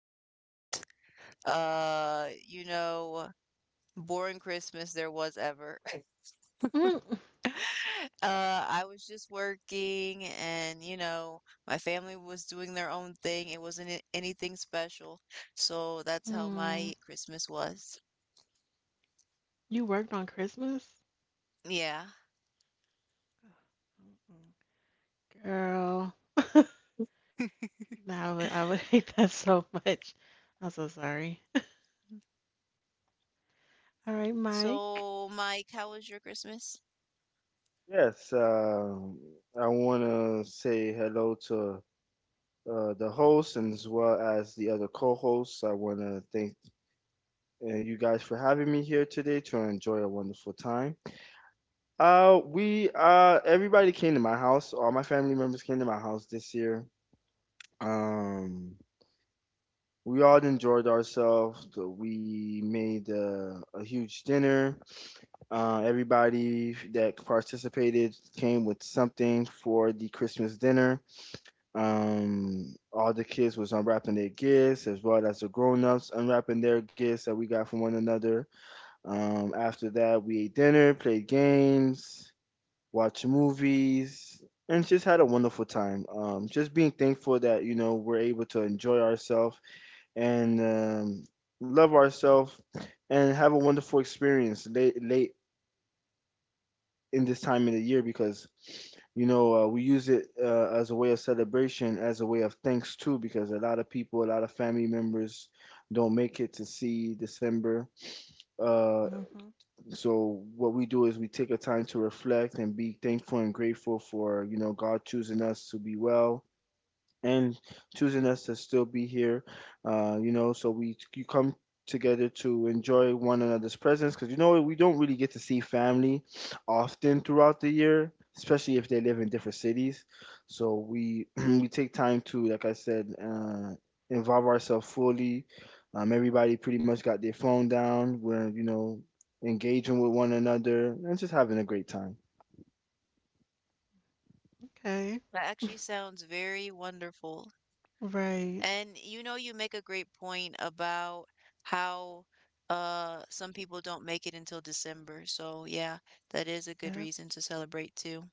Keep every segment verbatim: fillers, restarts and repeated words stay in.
the most, uh, you know, boring Christmas there was ever. Mm. Uh, I was just working and, you know, my family was doing their own thing. It wasn't a- anything special. So that's how Mm. my Christmas was. You worked on Christmas? Yeah. Mm-mm. Girl, no, I would, I would hate that so much. I'm so sorry. All right, Mike. So, Mike, how was your Christmas? Yes, um, I want to say hello to uh, the host and as well as the other co-hosts. I want to thank uh, you guys for having me here today to enjoy a wonderful time. Uh, we uh, everybody came to my house. All my family members came to my house this year. Um, we all enjoyed ourselves. We made uh, a huge dinner. Uh, everybody that participated came with something for the Christmas dinner. Um, all the kids was unwrapping their gifts as well as the grown-ups unwrapping their gifts that we got from one another. Um, after that, we ate dinner, played games, watched movies, and just had a wonderful time. Um, just being thankful that you know we're able to enjoy ourselves and um, love ourselves and have a wonderful experience late late in this time of the year, because you know uh, we use it uh, as a way of celebration, as a way of thanks too, because a lot of people a lot of family members don't make it to see December. uh, Hmm. so what we do is we take a time to reflect and be thankful and grateful for you know God choosing us to be well and choosing us to still be here. Uh, you know, so we you come together to enjoy one another's presence because you know we don't really get to see family often throughout the year, especially if they live in different cities. So we we take time to, like I said, uh, involve ourselves fully. Um, everybody pretty much got their phone down. We're you know engaging with one another and just having a great time. Okay. That actually sounds very wonderful. Right. And you know, you make a great point about how uh some people don't make it until December. So, yeah, that is a good Yep. reason to celebrate too.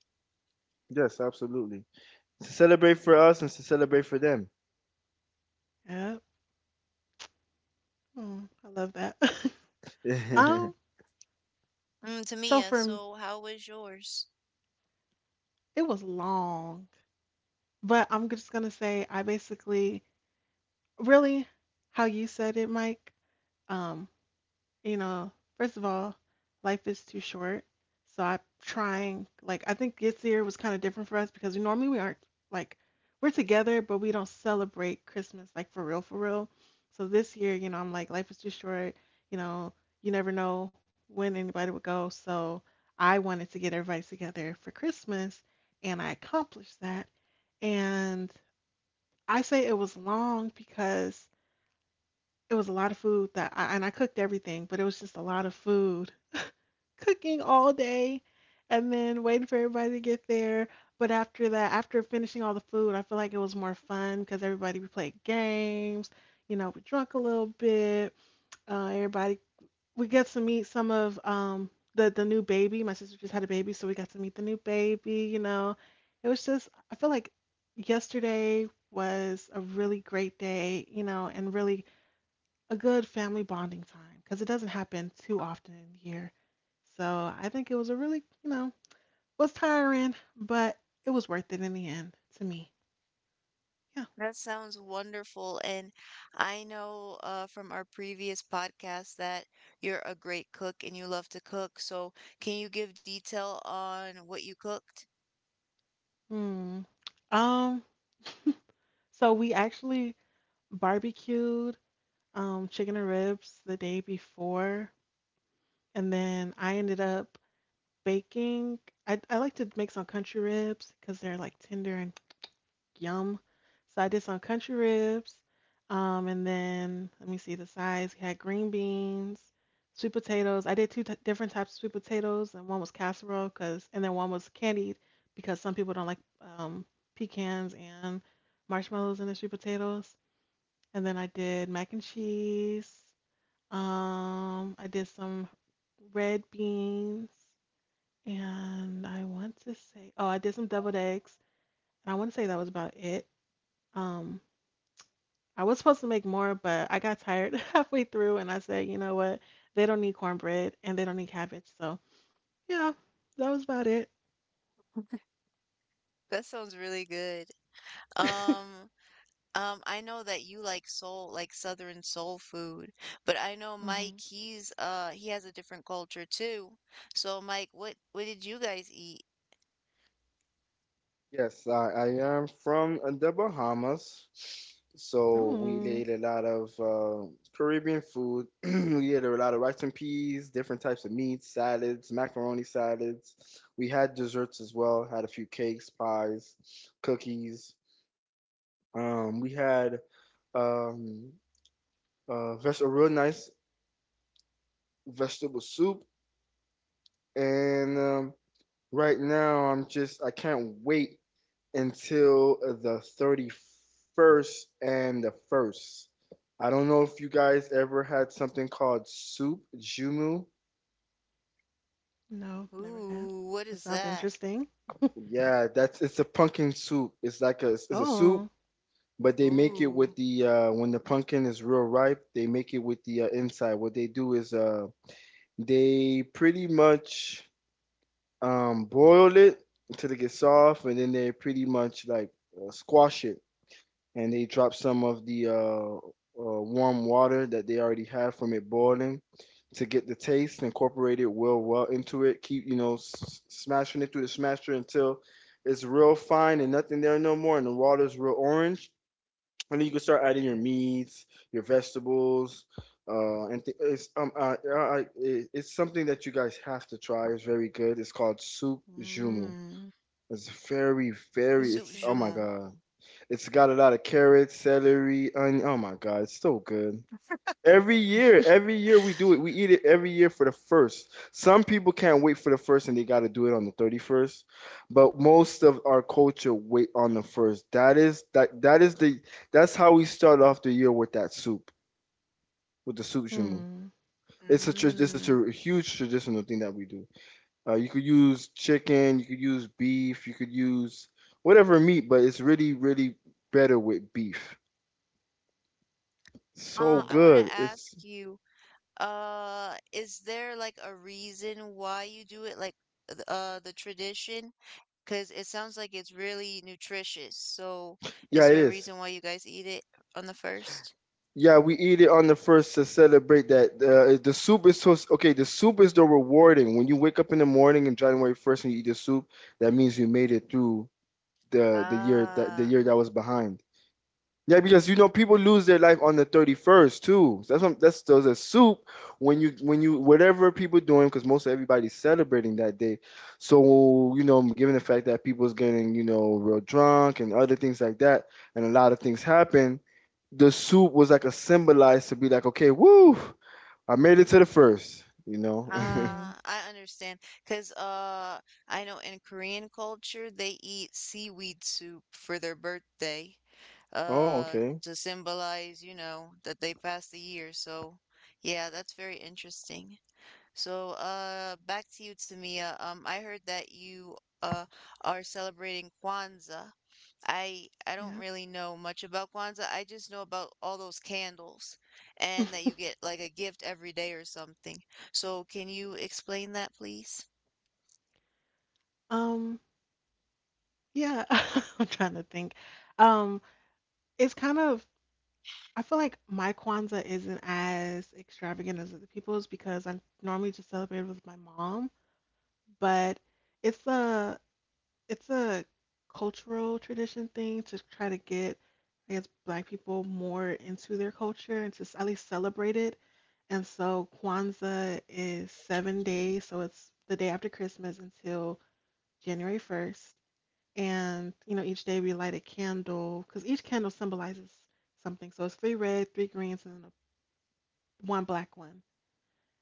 Yes, absolutely. To celebrate for us and to celebrate for them. Yep. Mm, I love that. um, Mm, so Tamia, for m- so how was yours? it was long, but I'm just gonna say I basically really how you said it, Mike. Um, you know, first of all, life is too short. So I'm trying, like, I think this year was kind of different for us because we normally we aren't like we're together, but we don't celebrate Christmas like for real, for real. So this year, you know, I'm like, life is too short. You know, you never know when anybody would go. So I wanted to get everybody together for Christmas, and I accomplished that. And I say it was long because it was a lot of food that I and I cooked everything, but it was just a lot of food. Cooking all day and then waiting for everybody to get there. But after that, after finishing all the food, I feel like it was more fun because everybody we played games, you know, we drunk a little bit. Uh, everybody we got to meet some of um the the new baby. My sister just had a baby, so we got to meet the new baby, you know. It was just I feel like yesterday was a really great day, you know, and really a good family bonding time because it doesn't happen too often here. So I think it was a really, you know, it was tiring, but it was worth it in the end to me. Yeah. That sounds wonderful. And I know uh, from our previous podcast that you're a great cook and you love to cook. So, can you give detail on what you cooked? Hmm. Um. So we actually barbecued um chicken and ribs the day before, and then I ended up baking. I I like to make some country ribs because they're like tender and yum. So I did some country ribs. Um, and then let me see the sides. We had green beans, sweet potatoes. I did two t- different types of sweet potatoes, and one was casserole because, and then one was candied because some people don't like um, pecans and marshmallows in the sweet potatoes. And then I did mac and cheese. Um, I did some red beans, and I want to say, oh, I did some deviled eggs, and I want to say that was about it. Um, I was supposed to make more, but I got tired halfway through and I said, you know what? They don't need cornbread and they don't need cabbage. So, yeah, that was about it. That sounds really good. Um, um, I know that you like soul, like Southern soul food, but I know Mike, Hmm. he's uh he has a different culture too. So, Mike, what what did you guys eat? Yes, I, I am from uh, the Bahamas. So we Oh, ate a lot of uh, Caribbean food. We ate a lot of rice and peas, different types of meats, salads, macaroni salads. We had desserts as well, had a few cakes, pies, cookies. Um, we had um, uh, veg- a real nice vegetable soup. And um, Right now, I'm just I can't wait until the thirty-first and the first. I don't know if you guys ever had something called soup jumu. no, never had. Ooh, what That is sounds that? interesting. Yeah, that's it's a pumpkin soup. It's like a it's a soup, Oh, but they make it with Ooh. the uh when the pumpkin is real ripe, they make it with the uh, inside. What they do is uh they pretty much um boil it until it gets soft, and then they pretty much, like, uh, squash it, and they drop some of the uh, uh, warm water that they already had from it boiling to get the taste incorporated well well into it. Keep you know s- smashing it through the smasher until it's real fine and nothing there no more, and the water's real orange. And then you can start adding your meats, your vegetables, uh, and th- it's um uh, uh, uh, it- it's something that you guys have to try. It's very good. It's called soup jumu. Mm. It's very very. Soup sushi. It's oh my jumeau. God. It's got a lot of carrots, celery, onion. Oh my God, it's so good. Every year, every year, we do it. We eat it every year for the first. Some people can't wait for the first and they got to do it on the thirty-first, but most of our culture wait on the first. That is that that is the that's how we start off the year with that soup, with the soup shumu. It's a tr- it's a Mm. tr- huge traditional thing that we do. Uh, you could use chicken, you could use beef, you could use whatever meat, but it's really, really better with beef. Hmm. So Uh, I want good. to ask It's you, uh, is there like a reason why you do it, like th- uh the tradition? 'Cause it sounds like it's really nutritious. So, yeah, is it there a is. reason why you guys eat it on the first? Yeah, we eat it on the first to celebrate that. Uh, the soup is so okay. The soup is the rewarding. When you wake up in the morning on January first and you eat the soup, that means you made it through the the year that the year Ah. that was behind. Yeah, because you know people lose their life on the thirty first too. So that's what, that's those a soup when you when you whatever people doing, because most of everybody's celebrating that day. So, you know, given the fact that people's getting you know real drunk and other things like that, and a lot of things happen, the soup was like a symbolized to be like, okay, woo, I made it to the first. You know. Hmm. Ah, I understand, cause uh I know in Korean culture they eat seaweed soup for their birthday, Oh, uh okay. to symbolize, you know, that they passed the year. So, yeah, that's very interesting. So, uh back to you, Tamia. Um I heard that you uh are celebrating Kwanzaa. I I don't Yeah. really know much about Kwanzaa. I just know about all those candles and that you get like a gift every day or something. So can you explain that, please? Um, yeah, I'm trying to think. Um, it's kind of I feel like my Kwanzaa isn't as extravagant as other people's because I normally just celebrate with my mom. But it's a it's a cultural tradition thing to try to get I guess black people more into their culture and to s- at least celebrate it. And so Kwanzaa is seven days, so it's the day after Christmas until January first. And you know, each day we light a candle because each candle symbolizes something. So it's three red, three greens, and then a, one black one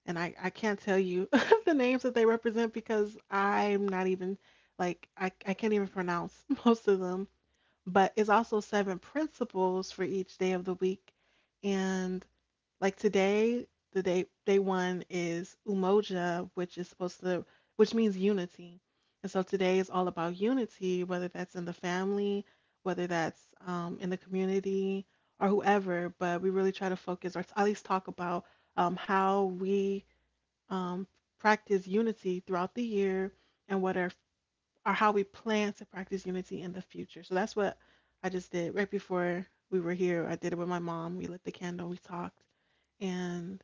and I, I can't tell you the names that they represent because I'm not even like I, I can't even pronounce most of them. But it's also seven principles for each day of the week. And like today, the day day one is Umoja, which is supposed to which means unity. And so today is all about unity, whether that's in the family, whether that's um, in the community or whoever. But we really try to focus or at least talk about um, how we um, practice unity throughout the year and what are or how we plan to practice unity in the future. So that's what I just did right before we were here. I did it with my mom. We lit the candle, we talked, and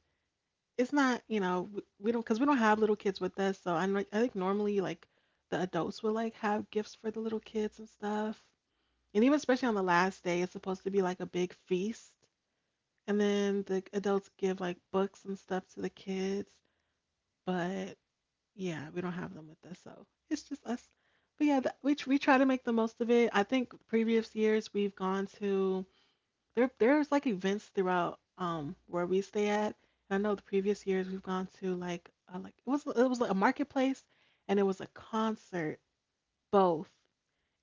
it's not, you know, w- we don't because we don't have little kids with us. So I I think normally like the adults will like have gifts for the little kids and stuff. And even especially on the last day, it's supposed to be like a big feast. And then the adults give like books and stuff to the kids. But yeah, we don't have them with us, so it's just us. But yeah, that, we tr- we try to make the most of it. I think previous years we've gone to there there's like events throughout um where we stay at. And I know the previous years we've gone to like uh, like it was it was like a marketplace and it was a concert both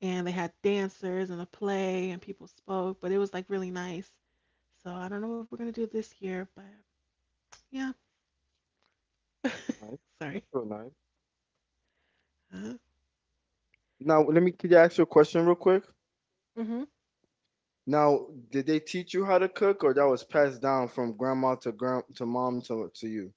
and they had dancers and a play and people spoke, but it was like really nice. So I don't know what we're gonna do this year, but yeah, Nice. sorry. That's real nice. Now, let me can I ask you a question real quick? Huh? Now, did they teach you how to cook, or that was passed down from grandma to grand to mom to to you?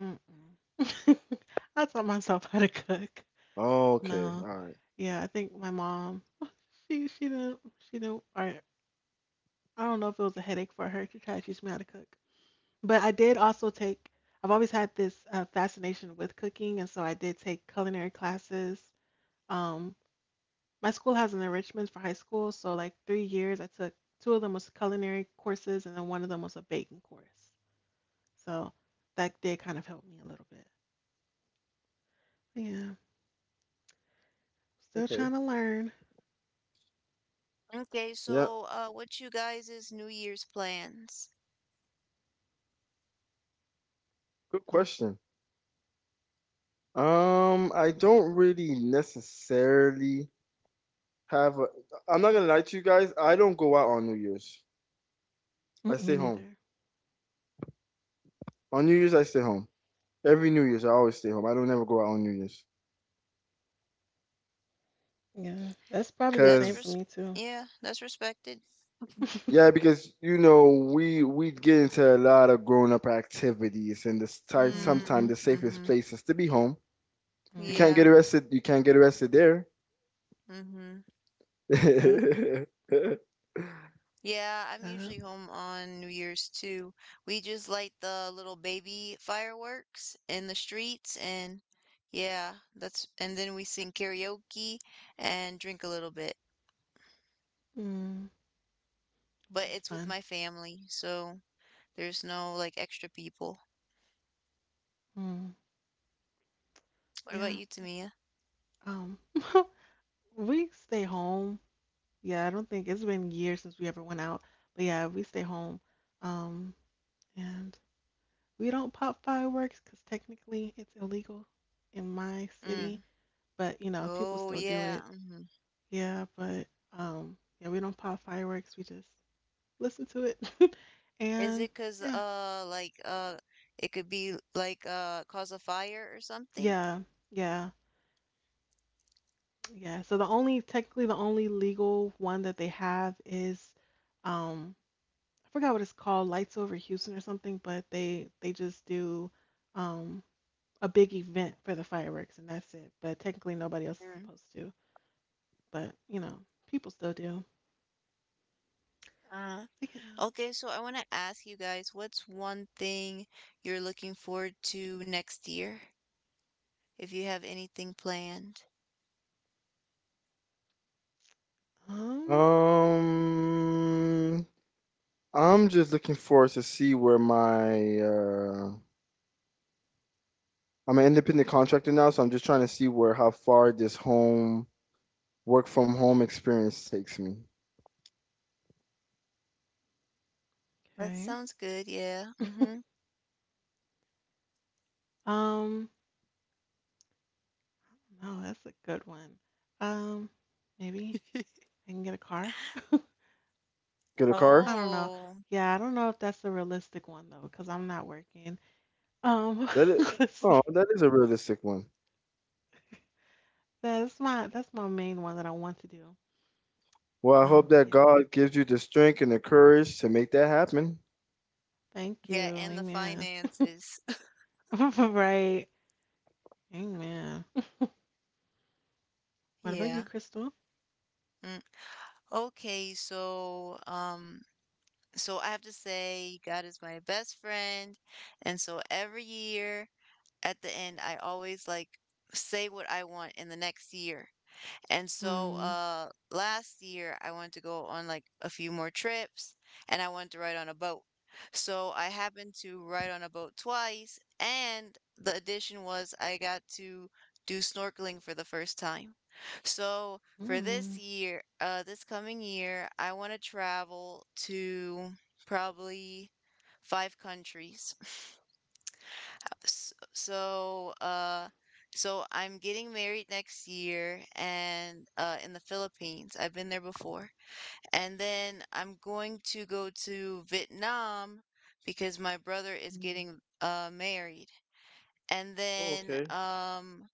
Mm-mm. I taught myself how to cook. Oh, okay. No, All right. yeah, I think my mom, she she didn't she didn't. Or I don't know if it was a headache for her to try to teach me how to cook. But I did also take. I've always had this uh, fascination with cooking, and so I did take culinary classes. Um, my school has an enrichment for high school, so like three years, I took two of them was culinary courses, and then one of them was a baking course. So that did kind of help me a little bit. Yeah, still Okay. trying to learn. Okay, Yeah. so uh what you guys is New Year's plans? Good question. Um, I don't really necessarily have a, I'm not gonna lie to you guys. I don't go out on New Year's. I Mm, stay me home. neither. On New Year's, I stay home. Every New Year's, I always stay home. I don't ever go out on New Year's. Yeah, that's probably the That's same Cause for res me too. Yeah, that's respected. yeah, because you know we we get into a lot of grown up activities, and this time Mm, sometimes Mm-hmm. the safest mm-hmm. place is to be home. You can't get Yeah. Mm-hmm. arrested. You can't get arrested there. Mm-hmm. Yep. Yeah, I'm Yep. usually home on New Year's too. We just light the little baby fireworks in the streets and yeah, that's and then we sing karaoke and drink a little bit. Mm. But That's it's with fun. my family, so there's no like extra people. Mm. What about Yeah. you, Tamia? I- Um. We stay home. Yeah. I don't think it's been years since we ever went out. But yeah, we stay home. Um. And we don't pop fireworks because technically it's illegal in my city. Mm. But you know, people Oh still do yeah. it. Hmm. Yeah. But um. Yeah, we don't pop fireworks. We just listen to it. Is and it 'cause yeah, uh like uh it could be like uh cause a fire or something? yeah, yeah, yeah. So the only technically the only legal one that they have is um I forgot what it's called, Lights Over Houston or something, but they they just do um a big event for the fireworks and that's it. But technically nobody else is Mm. supposed to. But you know, people still do. Uh. But Okay, so I want to ask you guys, what's one thing you're looking forward to next year? If you have anything planned. yeah. um, I'm just looking for to see where my uh, I'm an independent contractor now, so I'm just trying to see where how far this home work from home experience takes me. That Okay. sounds good, yeah. Mm-hmm. Um no, that's a good one. Um Maybe I can get a car. Get a I car? don't know. Oh, Yeah, I don't know if that's a realistic one though, because I'm not working. Um, That is, let's oh, see. that is a realistic one. That's my that's my main one that I want to do. Well, I hope Um, that Yeah. God gives you the strength and the courage to make that happen. Thank you. yeah, and the Amen. finances. Right. Amen. What about you, Yeah. Crystal? Mm. Okay, so um so I have to say God is my best friend, and so every year at the end I always like say what I want in the next year. And so Hmm. uh last year I wanted to go on like a few more trips and I wanted to ride on a boat. So I happened to ride on a boat twice and the addition was I got to do snorkeling for the first time. So for this Hmm. year, uh this coming year, I want to travel to probably five countries. S- so uh so I'm getting married next year and uh in the Philippines. I've been there before. And then I'm going to go to Vietnam because my brother is Mm. getting uh married. And Oh, then okay. um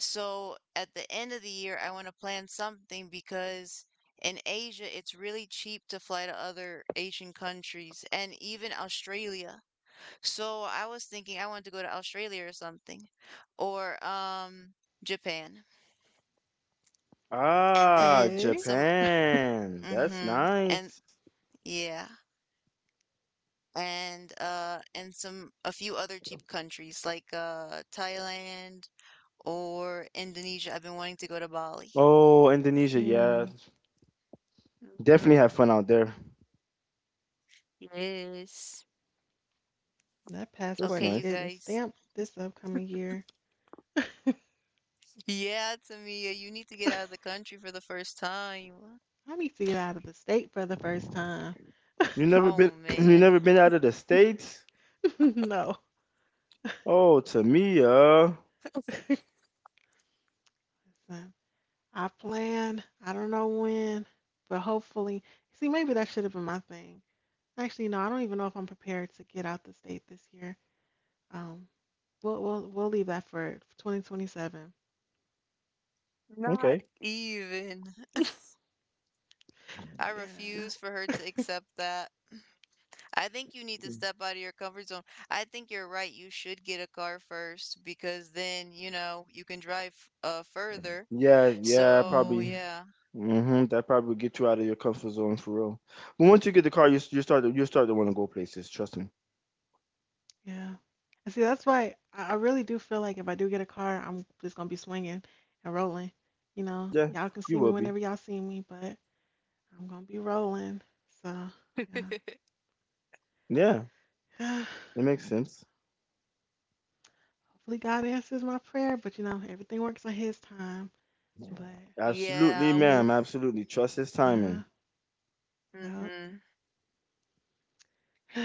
so at the end of the year I want to plan something because in Asia it's really cheap to fly to other Asian countries and even Australia. So I was thinking I wanted to go to Australia or something, or um Japan, and Ah, then Okay. some. Japan. That's Mm-hmm. And nice. yeah, and uh, and some a few other cheap countries like uh Thailand or Indonesia. I've been wanting to go to Bali. Oh, Indonesia, yeah. Hmm. Mm-hmm. Definitely have fun out there. Yes. That That's passport Okay, is you nice. getting guys. stamped this upcoming year. Yeah, Tamia, you need to I get out of the country for the first time. need to get out of the state for the first time. You never been Oh you never man, been out of the States? No. Oh, to me, uh Listen. I plan. I don't know when, but hopefully. See, maybe that should have been my thing. Actually, no, I don't even know if I'm prepared to get out the state this year. Um, we'll we'll we'll leave that for twenty twenty-seven. not okay. even. I Yeah. refuse for her to accept that. I think you need to step out of your comfort zone. I think you're right. You should get a car first because then, you know, you can drive uh further. Yeah, yeah, So, probably. Mm, yeah. Hmm. That probably would get you out of your comfort zone for real. But once you get the car, you s- you start to you start to want to go places, trust me. yeah. And see, that's why I, I really do feel like if I do get a car, I'm just gonna be swinging and rolling. You know, Yeah, y'all can you see me will be. whenever y'all see me, but I'm gonna be rolling. So Yeah, yeah. it makes sense. Hopefully God answers my prayer, but you know, everything works on His time. But if Absolutely, Yeah. it is, ma'am. Absolutely. Trust His uh, timing. uh, Mm-hmm.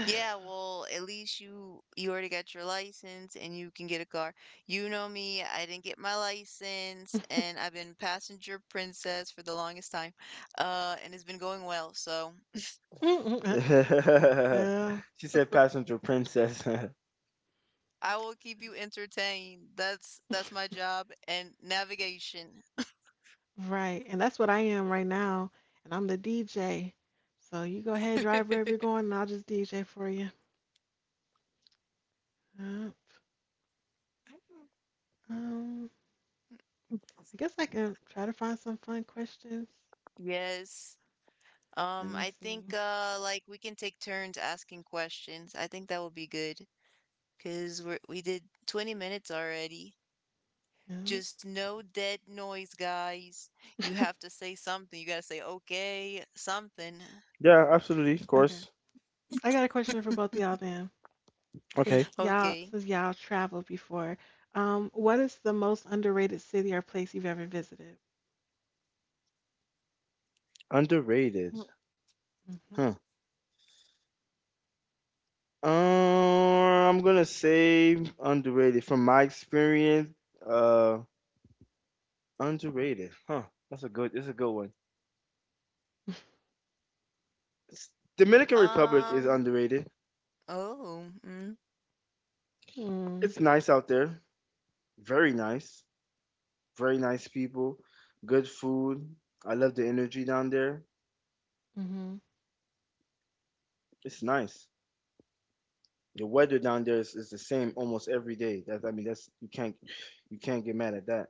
Yeah, well, at least you you already got your license and you can get a car. You know me, I didn't get my license and I've been passenger princess for the longest time. Uh, and it's been going well, so She uh, said passenger princess. I will keep you entertained. That's that's my job and navigation. right. And that's what I am right now. And I'm the D J. So you go ahead, drive wherever you're going, and I'll just D J for you. Uh, um, I guess I can try to find some fun questions. Yes. Let Um, me I think see. uh like we can take turns asking questions. I think that would be good because we're we did twenty minutes already. Yeah. Just no dead noise, guys. You have to say something. You gotta say okay, something. Yeah, absolutely, of Okay. course. I got a question for both of y'all then. Since Okay. y'all Okay. since y'all traveled before, um, what is the most underrated city or place you've ever visited? Underrated. Mm-hmm. Huh. Um, I'm gonna say underrated from my experience. Uh, Underrated. Huh. That's a good. That's a good one. S- Dominican Republic is Um, underrated. oh, mm, Mm. It's nice out there. Very nice. Very nice people. Good food. I love the energy down there. Mm-hmm. It's nice. The weather down there is, is the same almost every day. That I mean, that's you can't you can't get mad at that.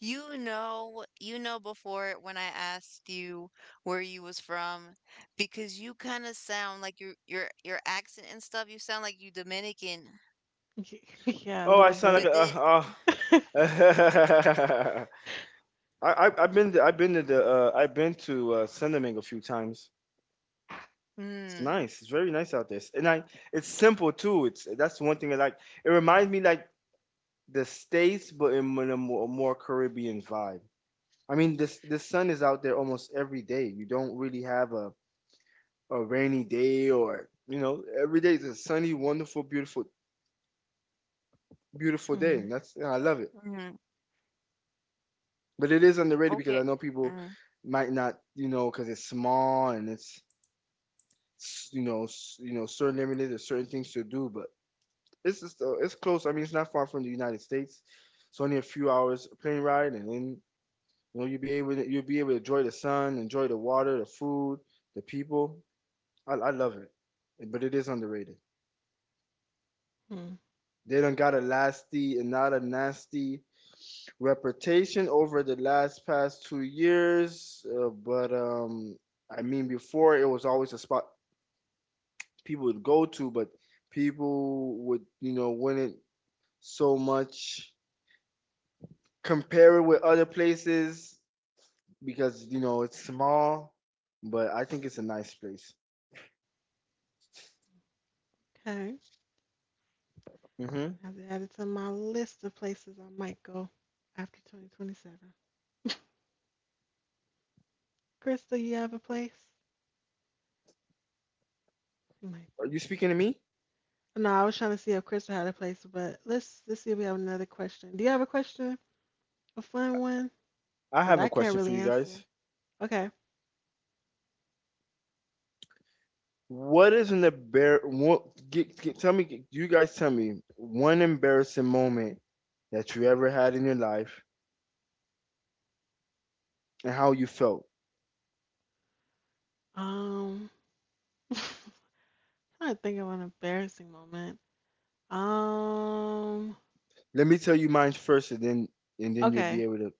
you know, you know before when I asked you where you was from, because you kind of sound like your your your accent and stuff, you sound like you Dominican. Yeah, a Oh, I little sound bit. But like a then, uh, uh, I, I I've been to, I've been to the uh, I've been to uh, Sendeming a few times. It's nice. It's very nice out there, and I it's simple too. It's that's the one thing I like. It reminds me like the states, but in a more, more Caribbean vibe. I mean, this the sun is out there almost every day. You don't really have a a rainy day, or you know every day is a sunny, wonderful, beautiful, beautiful day, Mm-hmm. and that's I love it. mm, mm, But it is underrated because I okay. know people Mm. might not, you know because it's small and it's s- you know, s- you know, certain areas, there's certain things to do, but it's just, uh, it's close. I mean, it's not far from the United States. It's only a few hours plane ride, and then you know you'll be able to, you'll be able to enjoy the sun, enjoy the water, the food, the people. I, I love it, but it is underrated. They done got a nasty and not a nasty reputation over the last past two years, uh, but um, I mean, before it was always a spot people would go to, but people would you know wouldn't so much. Compare it with other places because you know it's small, but I think it's a nice place. Okay. Hmm. I've added to my list of places I might go after twenty twenty-seven. Crystal, you have a place? You might Are you be. speaking to me? No, I was trying to see if Crystal had a place, but let's let's see if we have another question. Do you have a question? A fun one? I Because have a I can't question for really you answer. guys. Okay. What is an embar? What, get, get, tell me, You guys tell me one embarrassing moment that you ever had in your life and how you felt. Um, I to think of an embarrassing moment. Um, Let me tell you mine first, and then and then you'll be okay. able to.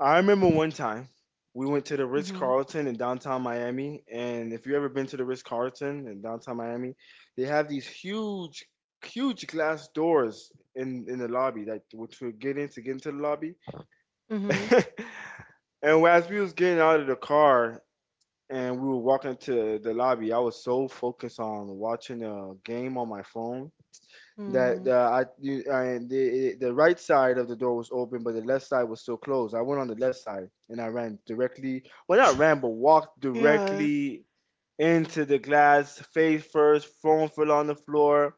I remember one time we went to the Ritz Mm-hmm. Carlton in downtown Miami, and if you ever been to the Ritz Carlton in downtown Miami, they have these huge, huge glass doors in in the lobby that which would get in to get into the lobby. Mm-hmm. And as we was getting out of the car and we were walking to the lobby, I was so focused on watching a game on my phone that Hmm. uh, I you, I the the right side of the door was open, but the left side was still closed. I went on the left side and I ran directly. Well, not ran, but walked Yeah. directly into the glass, face first. Phone fell on the floor.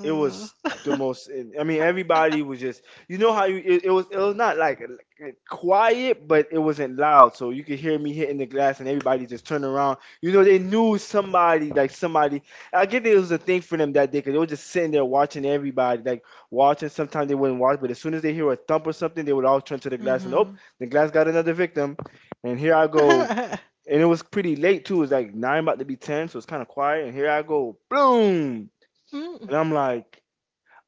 It was the most, i mean everybody was just, you know how you, it, it was it was not like, like, quiet, but it wasn't loud, so you could hear me hitting the glass and everybody just turned around. You know, they knew somebody, like somebody. I get it was a thing for them that day, because they were just sitting there watching everybody, like watching. Sometimes they wouldn't watch, but as soon as they hear a thump or something, they would all turn to the glass and, oh, uh-huh. the glass got another victim. And here I go. And it was pretty late too. It was like nine about to be ten, so it's kind of quiet, and here I go, boom. Mm, And I'm like,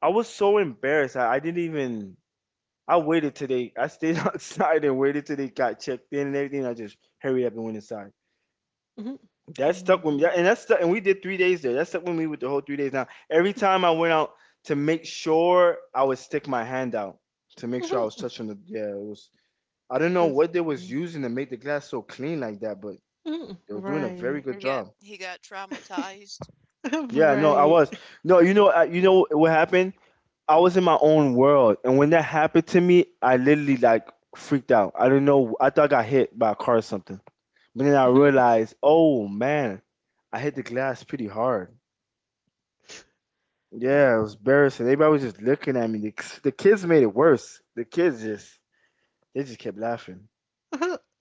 I was so embarrassed. I, I didn't even. I waited till they. I stayed outside and waited till they got checked in and everything. I just hurried up and went inside. mhm. Oh That my stuck with me. That- And that stuck. And we did three days there. That stuck with me with the whole three days. Now every goodness. time I went out to make sure, I would stick my hand out to make sure I Mhm. was touching the. Yeah, it was. I don't know That's what they was funny. using to make the glass so clean like that, but Mm, they was doing a very right. He good job. got he got traumatized. Yeah, no, I Right. was. No, you know, I, you know what happened? I was in my own world, and when that happened to me, I literally like freaked out. I didn't know. I thought I got hit by a car or something, but then I Mhm. realized, oh man, I hit the glass pretty hard. Uh, Yeah, it was embarrassing. Everybody was just looking at me. The, the kids made it worse. The kids just, they just kept laughing.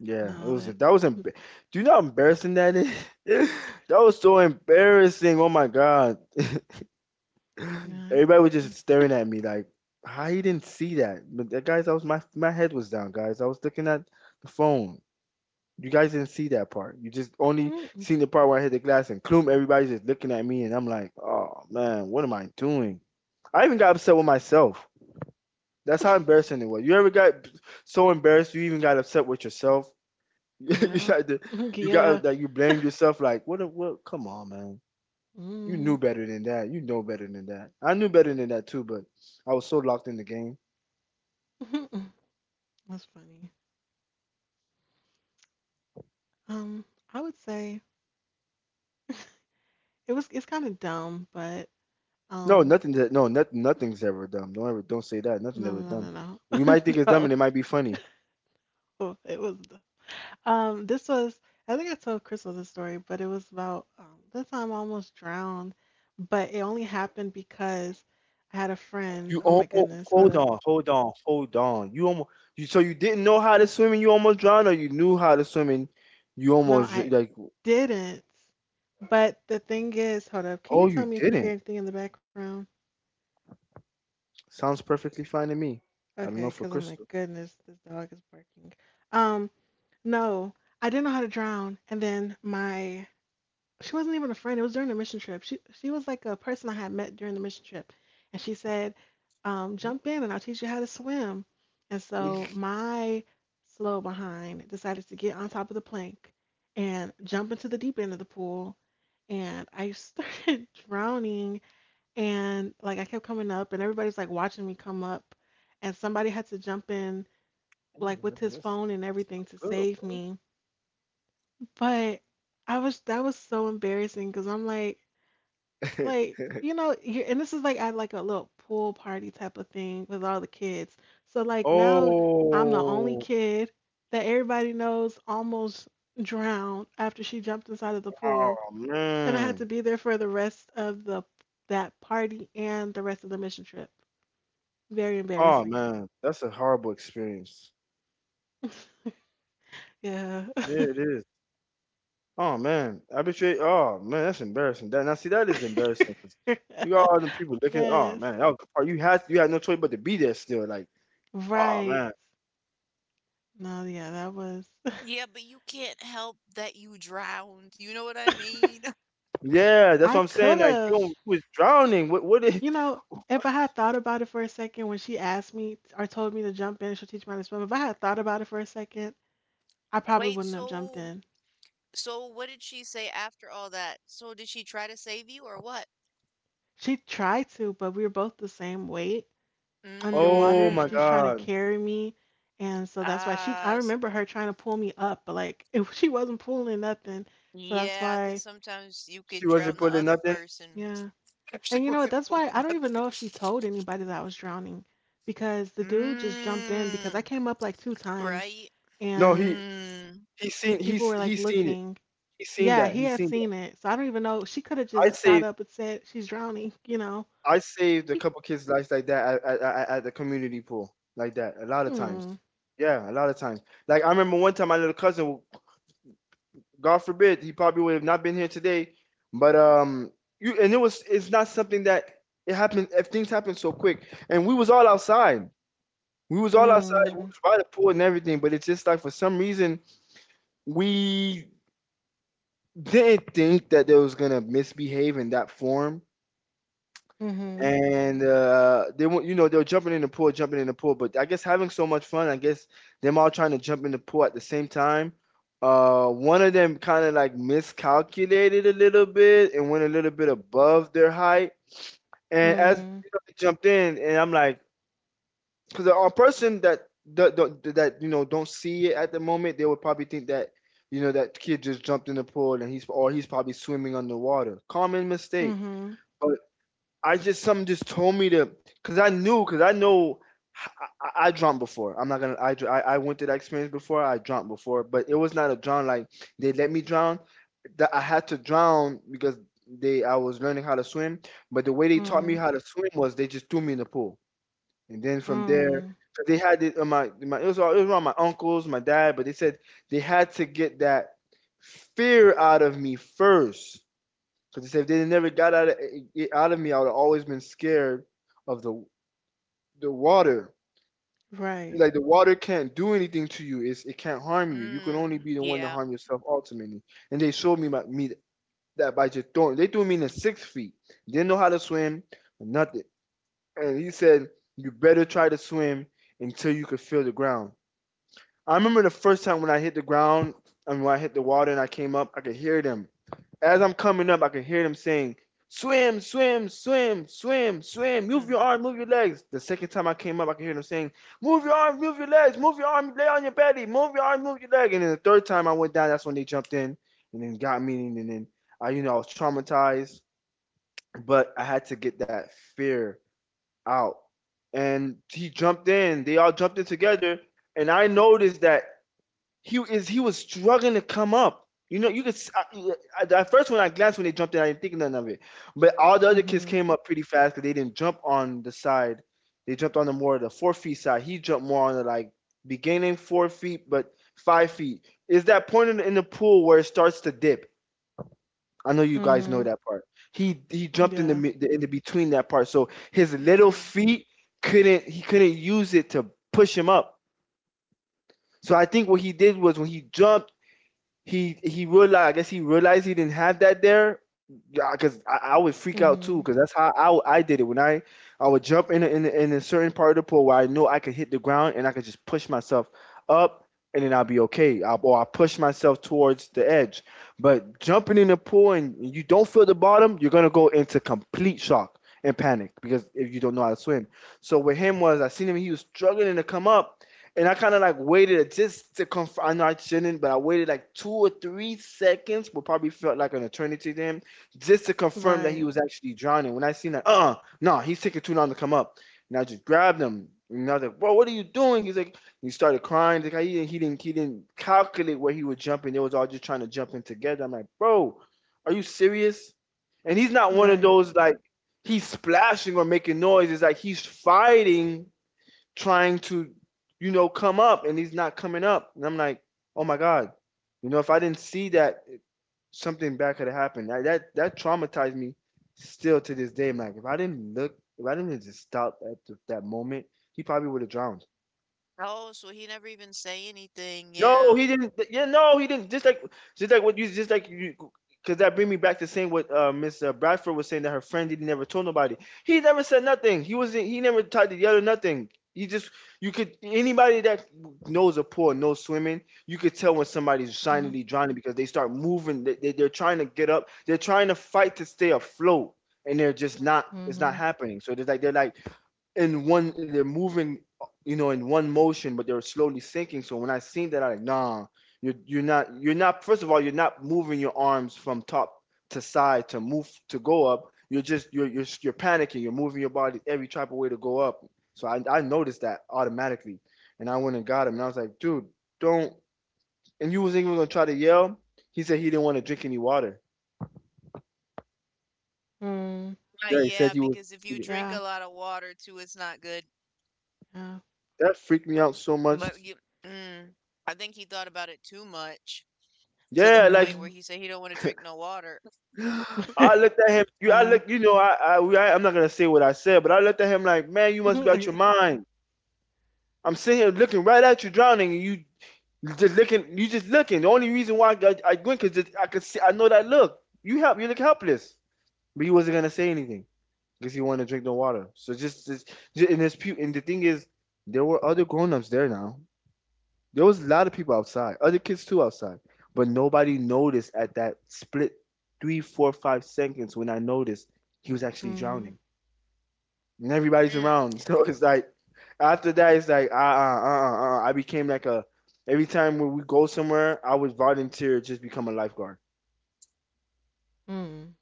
Yeah, it no, was, that. that was emb- Mhm. do you know how embarrassing that is? That was so embarrassing. Oh my god. Yeah, I can Everybody was just see. staring at me like, how you didn't see that? But that, guys, I was, my my head was down, guys. I was looking at the phone. You guys didn't see that part. You just only Mm, seen the part where I hit the glass and clum. Everybody's just looking at me, and I'm like, oh man, what am I doing? I even got upset with myself. That's how embarrassing it was. You ever got so embarrassed you even got upset with yourself? You yeah. had to, you Yeah. got that, you blamed yourself. Like, what? a- What? Come on, man. You knew Mhm. better than that. You know better than that. I knew better than that too, but I was so locked in the game. That's funny. Um, I would say it was it's kind of dumb, but No, um nothing that no, nothing nothing's ever dumb. Don't ever don't say that. no Nothing ever no no dumb. no no. We might think it's dumb and No. it might be funny. Oh, it was Um, this was, I think I told Crystal this story, but it was about um, this time I almost drowned, but it only happened because I had a You friend. Oh my almost, goodness, hold hold up. on, hold on, hold on. You almost, you, so you didn't know how to swim and you almost drowned, or you knew how to swim and you No, almost dr- I like, didn't. But the thing is, hold up. Can you oh, you tell me if you hear didn't. anything in the background? Sounds perfectly fine to me. I don't Okay, know because for I'm like, Crystal. goodness, this dog is barking. Um, no, I didn't know how to drown, and then my she wasn't even a friend. It was during the mission trip. She she was like a person I had met during the mission trip, and she said, um, "Jump in, and I'll teach you how to swim." And so my slow behind decided to get on top of the plank and jump into the deep end of the pool, and I started drowning. And like I kept coming up, and everybody's like watching me come up, and somebody had to jump in Ooh, like with his that's phone and everything to good. save me. But I was that was so embarrassing because I'm like Boy. like you know you and this is like at like a little pool party type of thing with all the kids, so like now I'm the only Oh. kid that everybody knows almost drowned after she jumped inside of the pool, Oh and I had man. to be there for the rest of the that party and the rest of the mission trip. Very Oh embarrassing. man. That's a horrible experience. Yeah. Yeah, it is. Oh man. I bet, oh man, that's embarrassing. That, now see, that is embarrassing 'cause you got all them people looking, oh Yes. man, that was the part, you had, you had no choice but to be there still, like, oh Right. man. No, yeah, that was, Yeah, but you can't help that you drowned. You know what I mean? Yeah, that's I what I'm could saying. Like you, have, don't- you was drowning. What what did, you know, if I had thought about it for a second when she asked me or told me to jump in, she'll teach me how to swim. If I had thought about it for a second, I probably Wait, wouldn't have jumped so in. so what did she say after all that? So did she try to save you or what? She tried to, but we were both the same weight oh underwater. my She's Mm. trying to god. carry me, and so that's why she. I Ah, remember her trying to pull me up, but like if she wasn't pulling nothing, so that's yeah, cause why. sometimes you could She wasn't drown the putting other nothing? person. Yeah, She and you know what? wasn't That's why I pulling don't even nothing. know if she told anybody that I was drowning, because the dude just jumped in because I Mm, came up like two times, right? No, and he Mm, he seen people he's were like he seen it. looking. He seen Yeah, that. he He had seen that. seen it. So I don't even know. She could have I'd just say got up and said she's drowning, you know. I saved a He, couple kids' lives like that at, at, at the community pool, like that. A lot of times, mm, yeah, a lot of times. Like I remember one time, my little cousin, God forbid, he probably would have not been here today, but um, you, and it was, it's not something that it happened. If things happen so quick, and we was all outside, we was all outside, mm, we was by the pool and everything, but it's just like for some reason we didn't think that they was gonna misbehave in that form. mm-hmm, And, uh, they were, you know, they were jumping in the pool, jumping in the pool, but I guess having so much fun, I guess them all trying to jump in the pool at the same time. Uh, one of them kind of like miscalculated a little bit and went a little bit above their height. And as mm, you know, they jumped in, and I'm like, because a person that that that that, you know, don't see it at the moment, they would probably think that, you know, that kid just jumped in the pool and he's, or he's probably swimming underwater. Common mistake. mm-hmm, I just, something just told me to, because I knew, because I know, I, I, I before. I'm not gonna, I, dr- I I went through that experience before. I drowned before, but it was not a drown like they let me drown. That I had to drown because they, I was learning how to swim. But the way they taught me mm, how to swim was they just threw me in the pool, and then from there. mm, 'Cause they had it on my, my, it was all, it was around my uncles, my dad, but they said they had to get that fear out of me first, because they said if they never got out of it, out of me, I would have always been scared of the the water. It's right, like the water can't do anything to you. It's, it can't harm you. You can mm, only be the one to yeah. harm yourself ultimately. And they showed me my, me that by just throwing. They threw me in the six feet. Didn't know how to swim, nothing. And he said, you better try to swim until you could feel the ground. I remember the first time when I hit the ground, and when I hit the water and I came up, I could hear them. As I'm coming up, I could hear them saying, swim, swim, swim, swim, swim, move Mm, your arm, move your legs. The second time I came up, I could hear them saying, move your arm, move your legs, move your arm, lay on your belly, move your arm, move your leg. And then the third time I went down, that's when they jumped in and then got me. And then I, you know, I was traumatized, but I had to get that fear out. And he jumped in, they all jumped in together. And I noticed that he is, he was struggling to come up. You know, you could s- I- I- at first when I glanced when they jumped in, I didn't think nothing of it. But all the other kids mm-hmm, came up pretty fast because they didn't jump on the side. They jumped on the more the four feet side. He jumped more on the like beginning four feet, but five feet. Is that point in the, in the pool where it starts to dip? I know you guys know mm-hmm, that part. He he jumped in the, yeah, mi- the in the between that part, so his little mm. feet couldn't, he couldn't use it to push him up. So I think what he did was when he jumped, he he realized, I guess he realized he didn't have that there, yeah, because I, mm-hmm, I would freak out too, because that's how I, I did it. When I I would jump in a, in a, in a certain part of the pool where I know I could hit the ground and I could just push myself up, and then I'll be okay. I, or I push myself towards the edge. But jumping in the pool and you don't feel the bottom, you're gonna go into complete shock and panic because if you don't know how to swim. So with him was, I seen him, he was struggling to come up. And I kind of like waited just to confirm. I know I shouldn't, but I waited like two or three seconds, but probably felt like an eternity to him just to confirm that he right, was actually drowning. When I seen that, uh, uh, no, nah, he's taking too long to come up. And I just grabbed him. And I was like, bro, what are you doing? He's like, he started crying. He's like, he didn't, he didn't, he didn't calculate where he was jumping. They was all just trying to jump in together. I'm like, bro, are you serious? And he's not one of right, those like he's splashing or making noise. It's like he's fighting, trying to, you know, come up, and he's not coming up. And I'm like, oh my god, you know, if I didn't see that, something bad could have happened. That, that that traumatized me still to this day. I'm like, if I didn't look, if I didn't just stop at th- that moment, he probably would have drowned. Oh, so he never even say anything. No, Yeah. he didn't. Yeah, no, he didn't. Just like, just like what you, just like you, because that bring me back to saying what uh, Miss uh, Bradford was saying that her friend didn't never told nobody. He never said nothing. He wasn't. He never tried to yell or nothing. He just, you could, anybody that knows a pool and knows swimming, you could tell when yeah, somebody's silently drowning because they start moving. They, they, they're trying to get up. They're trying to fight to stay afloat, and they're just not. It's mm-hmm, not happening. So it's like they're like in one, they're moving, you know in one motion, but they're slowly sinking. So when I seen that, I like, nah, you're, you're not you're not, first of all, you're not moving your arms from top to side to move to go up. You're just you're you're, you're panicking, you're moving your body every type of way to go up. So I, I noticed that automatically, and I went and got him, and I was like, dude, don't. And you was even gonna try to yell? He said he didn't want to drink any water. mm, Uh, yeah, he said yeah, he was, because if he you didn't. drink a yeah, lot of water too, it's not good. yeah, That freaked me out so much. But you, mm, I think he thought about it too much, to the Yeah, point like, where mm, he said he don't want to drink no water. I looked at him. You, I yeah, look. You know, I, I, we, I, I'm not gonna say what I said, but I looked at him like, man, you must be out your mm, mind. I'm sitting here looking right at you drowning, and you you just looking. You just looking. The only reason why I, I went because I could see. I know that look. You help. You look helpless, but he wasn't gonna say anything because he wanted to drink the water. So just, just, just and his pu- and the thing is, there were other grown ups there now. There was a lot of people outside, other kids too outside, but nobody noticed at that split three, four, five seconds when I noticed he was actually mm, drowning, and everybody's Mm, around. So it's like after that, it's like uh uh uh uh. uh. I became like a every time when we go somewhere, I would volunteer, just become a lifeguard. mm,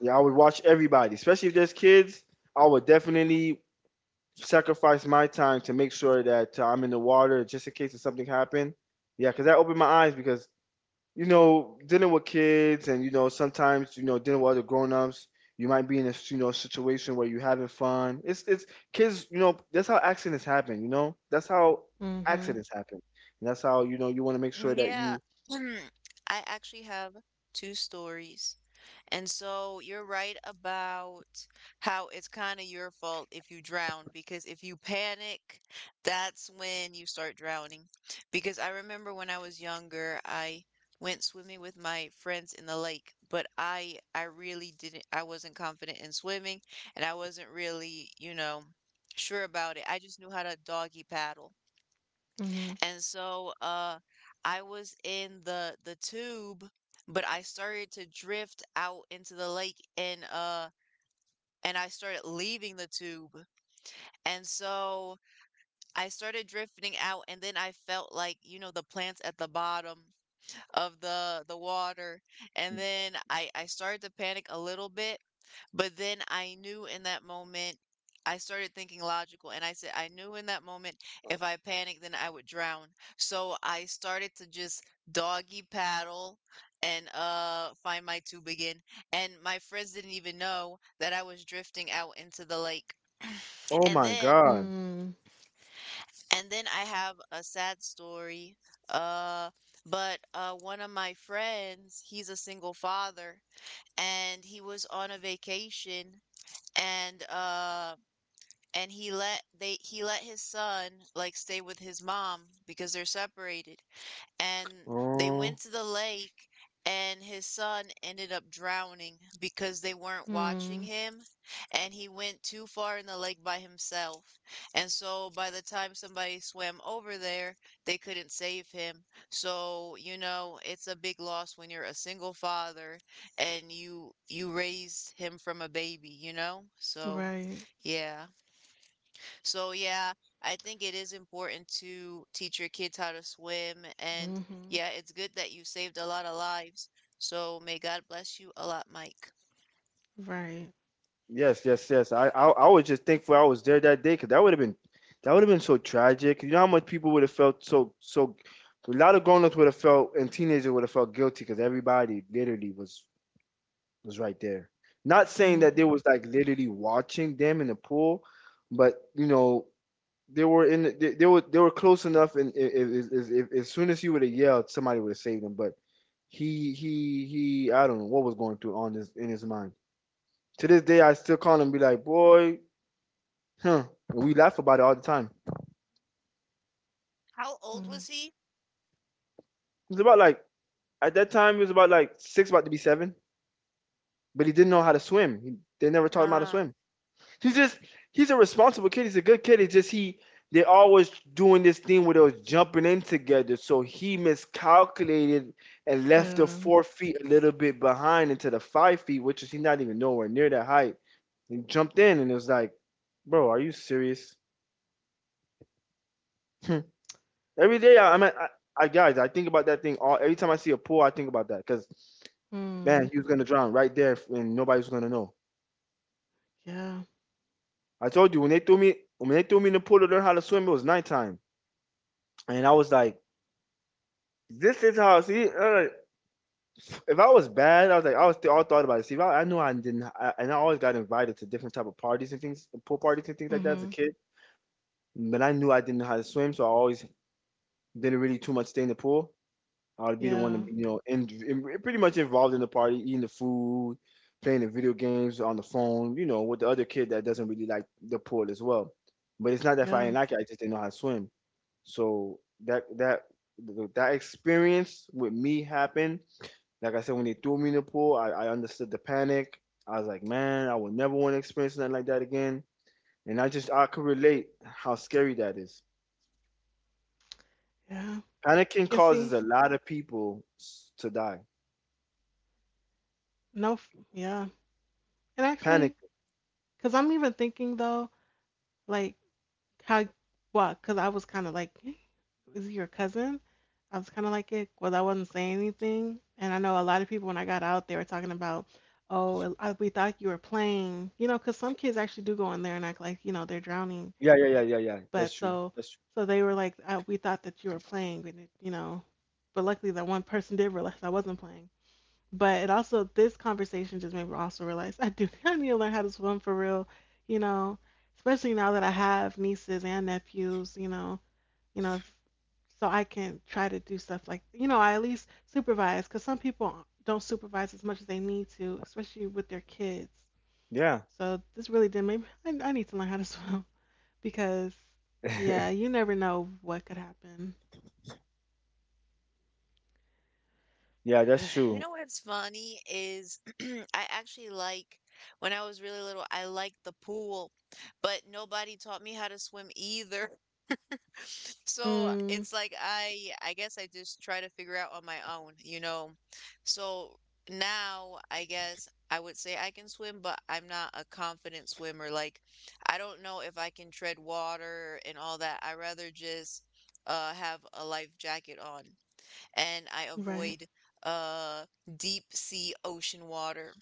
Yeah, I would watch everybody, especially if there's kids. I would definitely sacrifice my time to make sure that uh, I'm in the water just in case if something happened. Yeah, because that opened my eyes because, you know, dealing with kids and, you know, sometimes, you know, dealing with other grown-ups, you might be in a you know, situation where you're having fun. It's, it's kids, you know, that's how accidents happen, you know? That's how mm-hmm, accidents happen. And that's how, you know, you want to make sure mm, that yeah. you. I actually have two stories. And so you're right about how it's kind of your fault if you drown, because if you panic, that's when you start drowning. Because I remember when I was younger, I went swimming with my friends in the lake, but I I really didn't I wasn't confident in swimming and I wasn't really, you know, sure about it. I just knew how to doggy paddle. And so uh I was in the the tube, but I started to drift out into the lake and uh and I started leaving the tube. And so I started drifting out and then I felt like, you know, the plants at the bottom of the the water. And then I I started to panic a little bit, but then I knew in that moment, I started thinking logical and I said, I knew in that moment if I panicked, then I would drown. So I started to just doggy paddle and uh find my tube again. And my friends didn't even know that I was drifting out into the lake. Oh And my then God. mm-hmm, mm, and then I have a sad story. Uh but uh one of my friends, he's a single father and he was on a vacation and uh and he let they he let his son like stay with his mom because they're separated, and they Oh, went to the lake, and his son ended up drowning because they weren't watching mm, him, and he went too far in the lake by himself. And so by the time somebody swam over there, they couldn't save him. So you know it's a big loss when you're a single father and you you raised him from a baby, you know. So right, yeah, so yeah, I think it is important to teach your kids how to swim, and mm-hmm, yeah, it's good that you saved a lot of lives. So may God bless you a lot, Mike. right. yes, yes, yes. I, I, I was just thankful I was there that day, because that would have been, that would have been so tragic. You know how much people would have felt, so, so, a lot of grown-ups would have felt, and teenagers would have felt guilty because everybody literally was was right there. Not saying that they Mm-hmm. was like literally watching them in the pool, but, you know, they were in the- they, they were they were close enough, and i- i- i- i- i- as soon as he would have yelled, somebody would have saved him. But he he he, I don't know what was going through on his in his mind. To this day, I still call him and be like, boy, huh? And we laugh about it all the time. How old Mm-hmm. was he? It was about like at that time, he was about like six, about to be seven, but he didn't know how to swim. He, they never taught him how to Um, swim. He's just he's a responsible kid. He's a good kid. It's just he They're always doing this thing where they was jumping in together. So he miscalculated and left the Yeah. four feet a little bit behind into the five feet, which is he's not even nowhere near that height. He jumped in and it was like, bro, are you serious? Every day I, I'm I, I guys, I think about that thing all every time I see a pool, I think about that because, Mm, man, he was gonna drown right there and nobody was gonna know. yeah. I told you when they threw me when they threw me in the pool to learn how to swim, it was nighttime, and I was like. This is how. See, uh, if I was bad, I was like, I was th- all thought about it. See, if I, I knew I didn't, I, and I always got invited to different type of parties and things, pool parties and things like that as a Mm-hmm. kid. But I knew I didn't know how to swim, so I always didn't really too much stay in the pool. I would be the one to, Yeah. be, you know, in, in, pretty much involved in the party, eating the food, playing the video games on the phone, you know, with the other kid that doesn't really like the pool as well. But it's not that if I Yeah. didn't like it, I just didn't know how to swim. So that that that experience with me happened. Like I said, when they threw me in the pool, I, I understood the panic. I was like, man, I would never want to experience nothing like that again. And I just, I could relate how scary that is. Yeah. Panicking And causes see, a lot of people s- to die. no, f- yeah. And Panic. actually, because I'm even thinking though, like, how, what? Because I was kind of like, "Eh, is he your cousin? I was kind of like it, well, I wasn't saying anything. And I know a lot of people when I got out, they were talking about, oh, I, we thought you were playing, you know, because some kids actually do go in there and act like, you know, they're drowning. Yeah, yeah, yeah, yeah, yeah. That's But true. so That's true. so they were like, uh, we thought that you were playing, and it, you know, but luckily that one person did realize I wasn't playing. But it also this conversation just made me also realize I do I need to learn how to swim for real, you know, especially now that I have nieces and nephews, you know, you know if so I can try to do stuff like you know I at least supervise because some people don't supervise as much as they need to, especially with their kids. Yeah. So this really did make me I, I need to learn how to swim. Because, yeah, you never know what could happen. Yeah, that's you true. know what's funny is I actually like when I was really little, I liked the pool, but nobody taught me how to swim either. So Mm, it's like I I guess I just try to figure out on my own, you know. So now I guess I would say I can swim, but I'm not a confident swimmer. Like I don't know if I can tread water and all that. I rather just uh have a life jacket on and I right. avoid uh deep sea ocean water.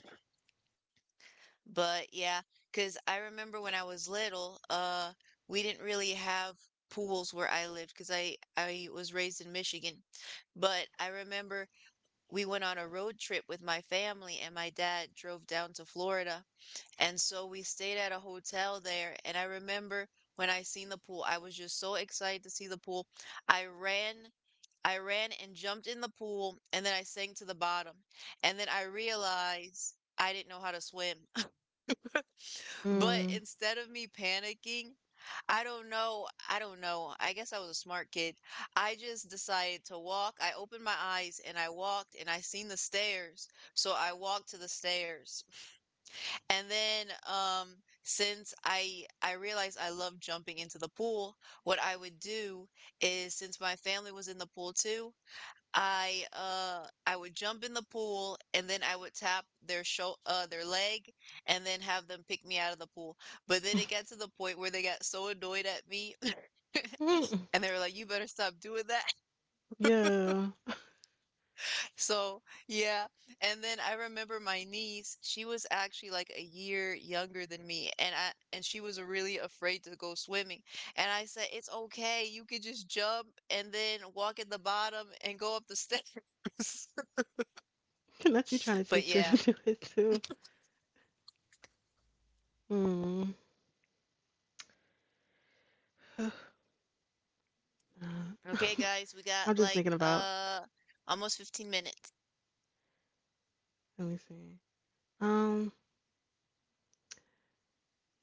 But yeah, cause I remember when I was little, uh, we didn't really have pools where I lived, cause I I was raised in Michigan. But I remember we went on a road trip with my family and my dad drove down to Florida. And so we stayed at a hotel there and I remember when I seen the pool, I was just so excited to see the pool. I ran I ran and jumped in the pool and then I sank to the bottom. And then I realized I didn't know how to swim. But Mm. instead of me panicking, I don't know. I don't know. I guess I was a smart kid. I just decided to walk. I opened my eyes and I walked and I seen the stairs. So I walked to the stairs. And then um since I I realized I love jumping into the pool, what I would do is since my family was in the pool too, I uh I would jump in the pool and then I would tap their show uh their leg and then have them pick me out of the pool. But then it got to the point where they got so annoyed at me Mm. and they were like, "You better stop doing that." Yeah. So, yeah. And then I remember my niece, she was actually like a year younger than me and I and she was really afraid to go swimming. And I said, "It's okay. You could just jump and then walk at the bottom and go up the stairs." Not you trying to teach her to do But it yeah, too. Mm. Uh, okay, guys, we I'm got just thinking like about. uh almost fifteen minutes. Let me see. Um.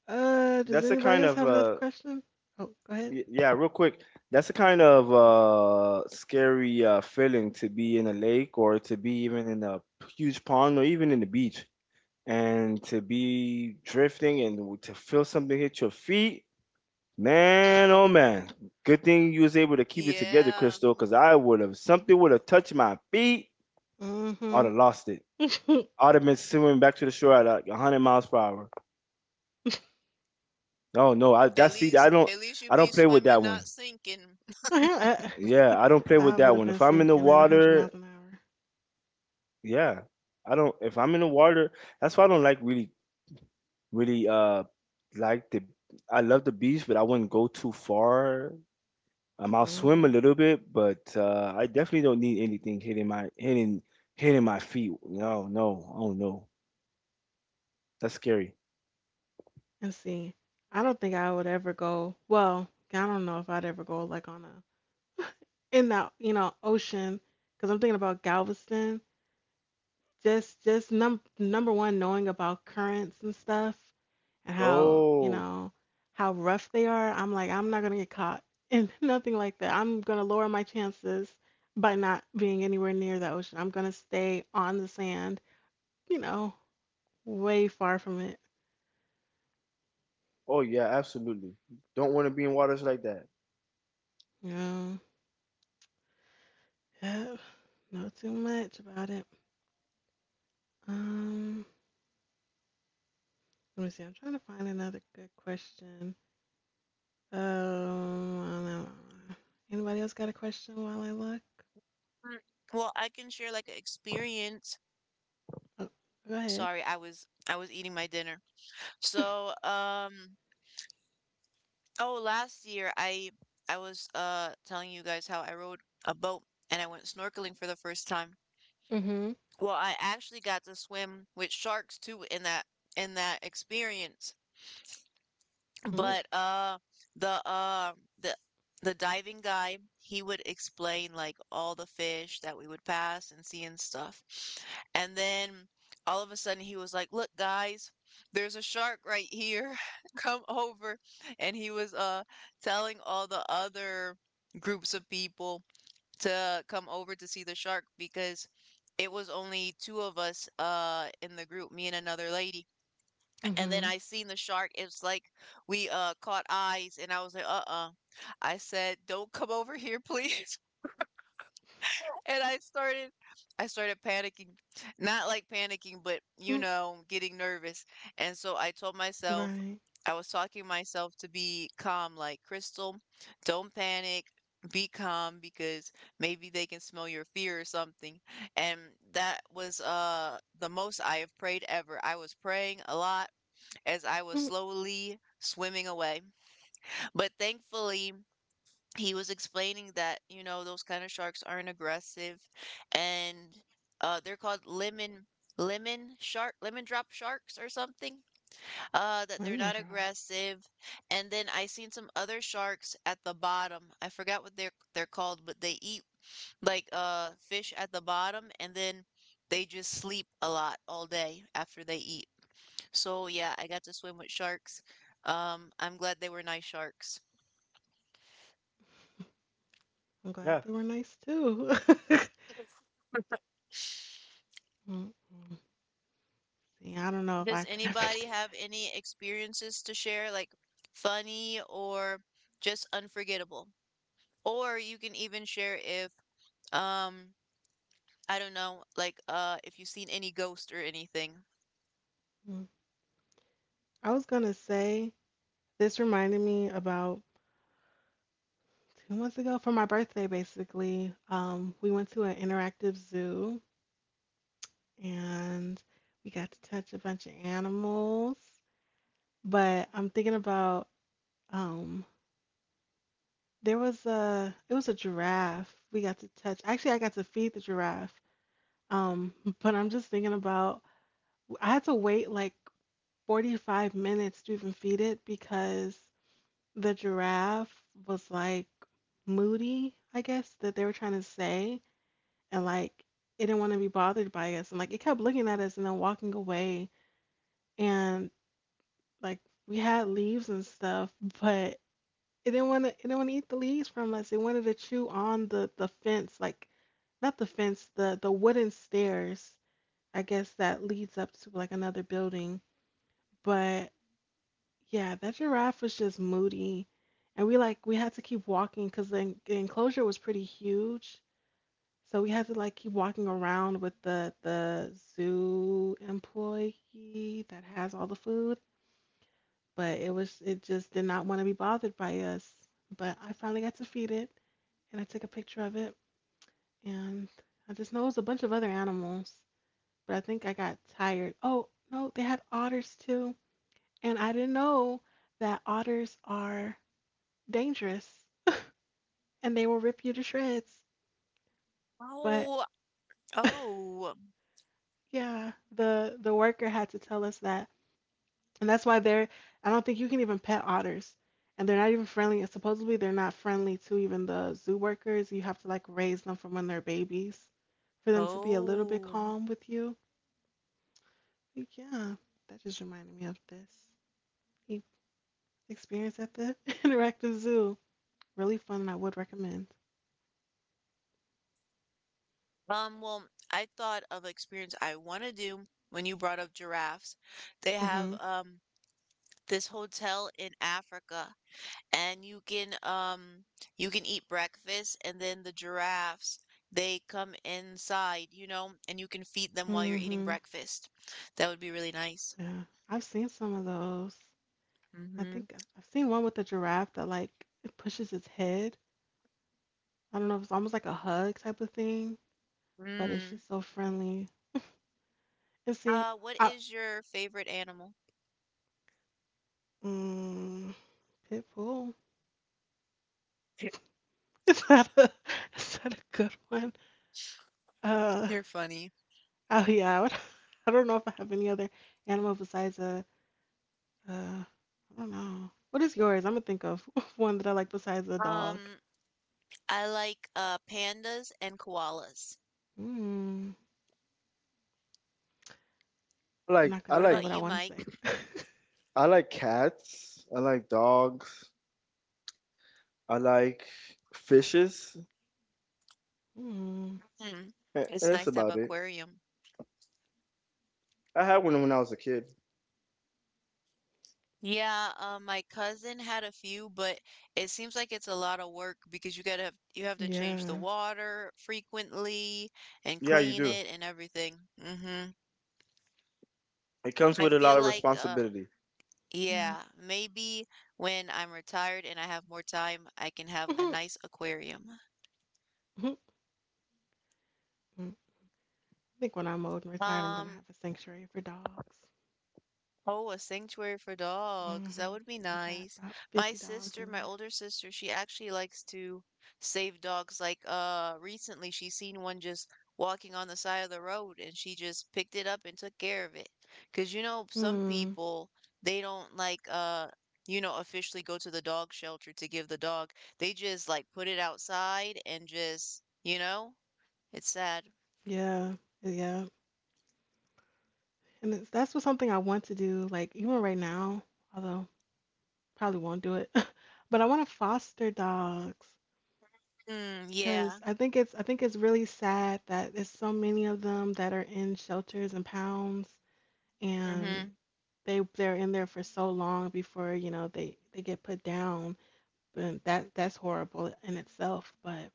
Uh. Does That's a anybody kind else of have another uh question? Oh, go ahead. y- yeah, real quick. That's a kind of uh scary uh feeling to be in a lake, or to be even in a huge pond, or even in the beach, and to be drifting and to feel something hit your feet. Man, oh man, good thing you was able to keep it together, Yeah, Crystal, because I would have, something would have touched my feet, I'd Mm-hmm. have lost it. I'd have been swimming back to the shore at like a hundred miles per hour. No, no, I at that's see, least I don't, at least you I be don't play with swimming, that not one. sinking. I, Yeah, I don't play I with would that have one. been If I'm in the sinking at one hundred water, miles an hour. yeah, I don't. If I'm in the water, that's why I don't like, really, really uh like the I love the beach, but I wouldn't go too far. Um, I'll Mm swim a hmm. little bit, but uh, I definitely don't need anything hitting my hitting hitting my feet. No, no, oh no, that's scary. And see, I don't think I would ever go. Well, I don't know if I'd ever go like on a in the you know ocean because I'm thinking about Galveston. Just just num number one, knowing about currents and stuff and how you Oh, know how rough they are. I'm like I'm not gonna get caught and nothing like that. I'm gonna lower my chances by not being anywhere near the ocean. I'm gonna stay on the sand. You know, way far from it. oh yeah, absolutely. Don't want to be in waters like that. You know, yeah. Yep. Know too much about it. Um, let me see. I'm trying to find another good question. Um, anybody else got a question while I look? Mm, well, I can share like an experience. Oh, go ahead. Sorry, I was I was eating my dinner. So, um, oh, last year I I was uh telling you guys how I rode a boat and I went snorkeling for the first time. Mm-hmm. Well, I actually got to swim with sharks too in that in that experience. Mm, But uh the uh the the diving guy, he would explain like all the fish that we would pass and see and stuff. And then all of a sudden he was like, "Look, guys, there's a shark right here. Come over." And he was uh telling all the other groups of people to come over to see the shark because it was only two of us uh in the group, me and another lady. And then mm-hmm. I seen the shark. It's like we uh caught eyes, and I was like, "Uh-uh." I said, "Don't come over here, please." And I started, I started panicking, not like Mm, panicking, but you know, getting nervous. And so I told right. myself, I was talking to myself to be calm, like Crystal, don't panic, be calm because maybe they can smell your fear or something. And that was uh the most I have prayed ever. I was praying a lot as I was Mm, slowly swimming away. But thankfully, he was explaining that, you know, those kind of sharks aren't aggressive and uh, they're called lemon lemon shark lemon drop sharks or something uh that they're lemon not drop. aggressive. And then I seen some other sharks at the bottom. I forgot what they're they're called, but they eat like uh fish at the bottom, and then they just sleep a lot all day after they eat. So yeah, I got to swim with sharks. Um, I'm glad they were nice sharks. I'm glad Yeah, they were nice too. Mm, mm. See, I don't know if I Does could ever anybody do have any experiences to share, like funny or just unforgettable? Or you can even share if um I don't know, like uh if you've seen any ghost or anything. that. Mm. I was gonna say this reminded me about two months ago for my birthday. Basically, um, we went to an interactive zoo and we got to touch a bunch of animals. But I'm thinking about um there was a it was a giraffe we got to touch. Actually, I got to feed the giraffe. Um, but I'm just thinking about I had to wait like forty-five minutes to even feed it because the giraffe was like moody, I guess, that they were trying to say, and like it didn't want to be bothered by us and like it kept looking at us and then walking away, and like we had leaves and stuff, but it didn't want to it didn't want to eat the leaves from us. It wanted to chew on the the fence, like not the fence, the the wooden stairs. I guess that leads up to like another building. But yeah, that giraffe was just moody, and we like we had to keep walking because the, en- the enclosure was pretty huge. So we had to like keep walking around with the the zoo employee that has all the food, but it was it just did not want to be bothered by us. But I finally got to feed it, and I took a picture of it, and I just know it was a bunch of other animals, but I think I got tired. Oh no, they had otters too, and I didn't know that otters are dangerous and they will rip you to shreds. But Oh, oh, yeah, the the worker had to tell us that. And that's why they're, I don't think you can even pet otters. And they're not even friendly. And supposedly they're not friendly to even the zoo workers. You have to like raise them from when they're babies for them to be a little bit oh. calm with you. But yeah, that just reminded me of this e- experience at the interactive zoo. Really fun, and I would recommend. Um, well, I thought of experience I want to do when you brought up giraffes. They have Mhm. um this hotel in Africa and you can um you can eat breakfast and then the giraffes they come inside, you know, and you can feed them while you're eating Mhm. breakfast. That would be really nice. Yeah, I've seen some of those. I Mm-hmm. think I- I've seen one with a giraffe that like it pushes its head. I don't know. It's almost like a hug type of thing. But it's Mm. just so friendly. And see, Uh, what I is your favorite animal? mm, Pitbull. Is that a is that a good one? Uh, You're funny. oh yeah, I, would, I don't know if I have any other animal besides a uh, I don't know. What is yours? I'm gonna think of one that I like besides a dog. um I like uh pandas and koalas. Mm, I'm I like not I gonna What say like about what I you, want to Mike? say. I like cats. I like dogs. I like fishes. Mm, Hmm. A- it's That's nice to have about an it. aquarium. I had one when I was a kid. Yeah, um, my cousin had a few, but it seems like it's a lot of work because you gotta have, you have to change the yeah, water frequently and Yeah, you clean do. it and everything. Mm-hmm. It comes I with a lot feel of like, uh, responsibility. yeah. yeah, maybe when I'm retired and I have more time, I can have a Mhm, nice aquarium. mhm, mhm. I think when I'm old and retired, I'm gonna Um, have a sanctuary for dogs. Oh, a sanctuary for dogs. That Hmm. would be Just have nice. about My fifty dogs sister, in my there. older sister, she actually likes to save dogs. Like, uh, recently she seen one just walking on the side of the road, and she just picked it up and took care of it. 'Cause you know, some Hmm. people, they don't like, uh, you know, officially go to the dog shelter to give the dog. They just like put it outside and just, you know, it's sad. Yeah, yeah. And it's, that's what something I want to do, like even right now, although probably won't do it. But I want to foster dogs Mm, yeah. because I think it's I think it's really sad that there's so many of them that are in shelters and pounds, and Mm-hmm. they they're in there for so long before, you know, they they get put down. But that that's horrible in itself, but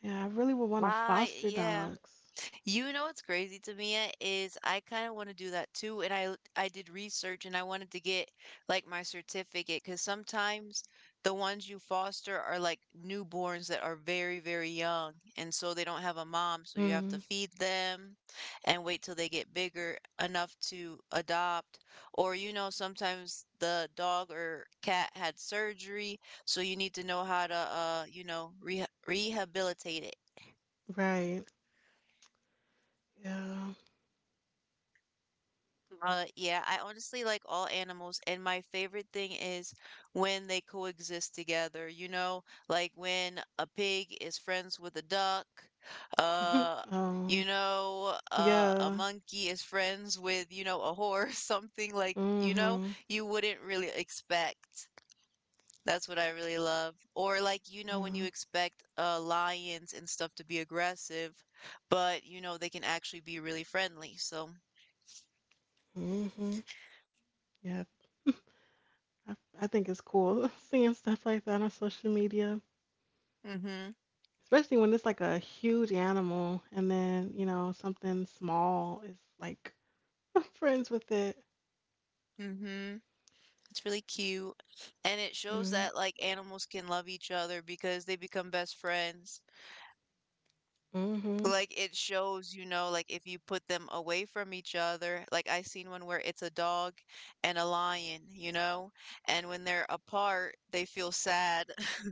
yeah, I really would want to Right, foster yeah. dogs. You know what's crazy to me is I kind of want to do that too, and I I did research and I wanted to get like my certificate because sometimes the ones you foster are like newborns that are very, very young, and so they don't have a Mm, mom, so you have to feed them and wait till they get bigger enough to adopt. Or you know, sometimes the dog or cat had surgery, so you need to know how to uh, you know, re rehabilitate it. right. Yeah. Uh, yeah, I honestly like all animals, and my favorite thing is when they coexist together. You know, like when a pig is friends with a duck, Mhm. uh, Oh, you know, uh, a yeah. monkey is friends with, you know, a horse, something like, you know, Mm-hmm. you wouldn't really expect. That's what I really love. Or like, you know, when you Uh, expect uh lions and stuff to be aggressive, but you know, they can actually be really friendly. So, mm-hmm. Yeah. I, I think it's cool seeing stuff like that on social media, mm-hmm, especially when it's like a huge animal and then, you know, something small is like friends with it. mm-hmm. It's really cute. And it shows Mm, that like animals can love each other because they become best friends. mm-hmm. Like it shows, you know, like if you put them away from each other, like I seen one where it's a dog and a lion, you know, and when they're apart, they feel sad.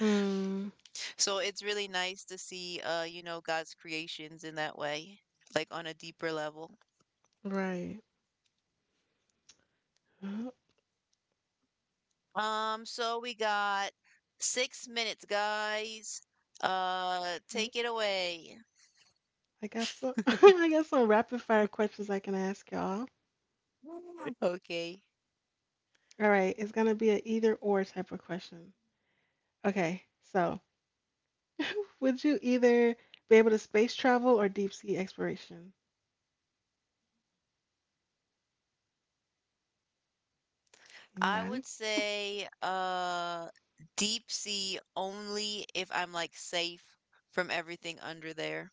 Mm, So it's really nice to see uh, you know, God's creations in that way, like on a deeper level. right. Uh, Um, so we got six minutes, guys. Uh, okay. take it away. I got some I got some rapid fire questions I can ask y'all. Right? Okay. All right, it's gonna be an either or type of question. Okay, so would you either be able to space travel or deep sea exploration? I Anybody? would say uh deep sea only if I'm like safe from everything under there.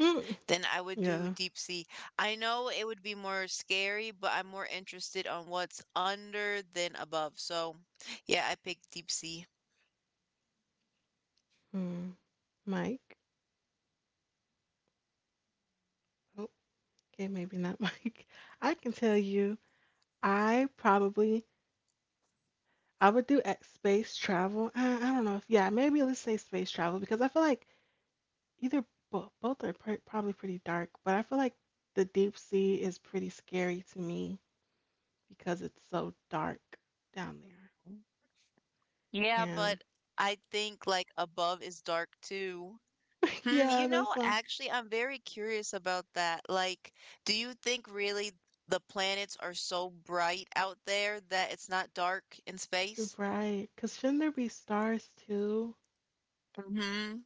Mm, Then I would do yeah. deep sea. I know it would be more scary, but I'm more interested on what's under than above. So, yeah, I picked deep sea. Hmm. Mike. Oh, okay, maybe not Mike. I can tell you, I probably I would do ex- space travel. I, I don't know if yeah, maybe let's say space travel because I feel like either bo both are pr probably pretty dark, but I feel like the deep sea is pretty scary to me because it's so dark down there. Yeah, And but I think like above is dark too. Hmm, you yeah, know, that's all. actually, I'm very curious about that. Like, do you think really the planets are so bright out there that it's not dark in space? Right, because shouldn't there be stars too? Mm-hmm.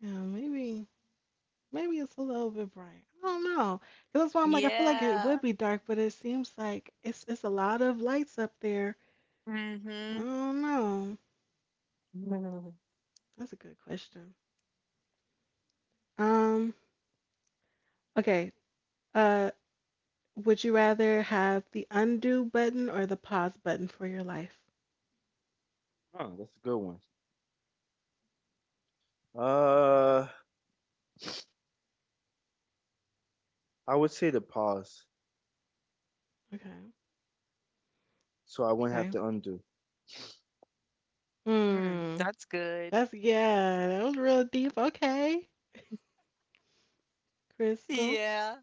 Yeah, maybe, maybe it's a little bit bright. I don't know. 'Cause that's why I'm like, I feel like it would Yeah. be dark, but it seems like it's it's a lot of lights up there. I Mm-hmm. don't know. That's a good question. Um, okay. Uh, would you rather have the undo button or the pause button for your life? Oh, that's a good one. Uh, I would say the paws, Okay. so I won't have Okay. to undo. Mm, Hmm. that's good. That's yeah. That was real deep. Okay, Crystal. Yeah.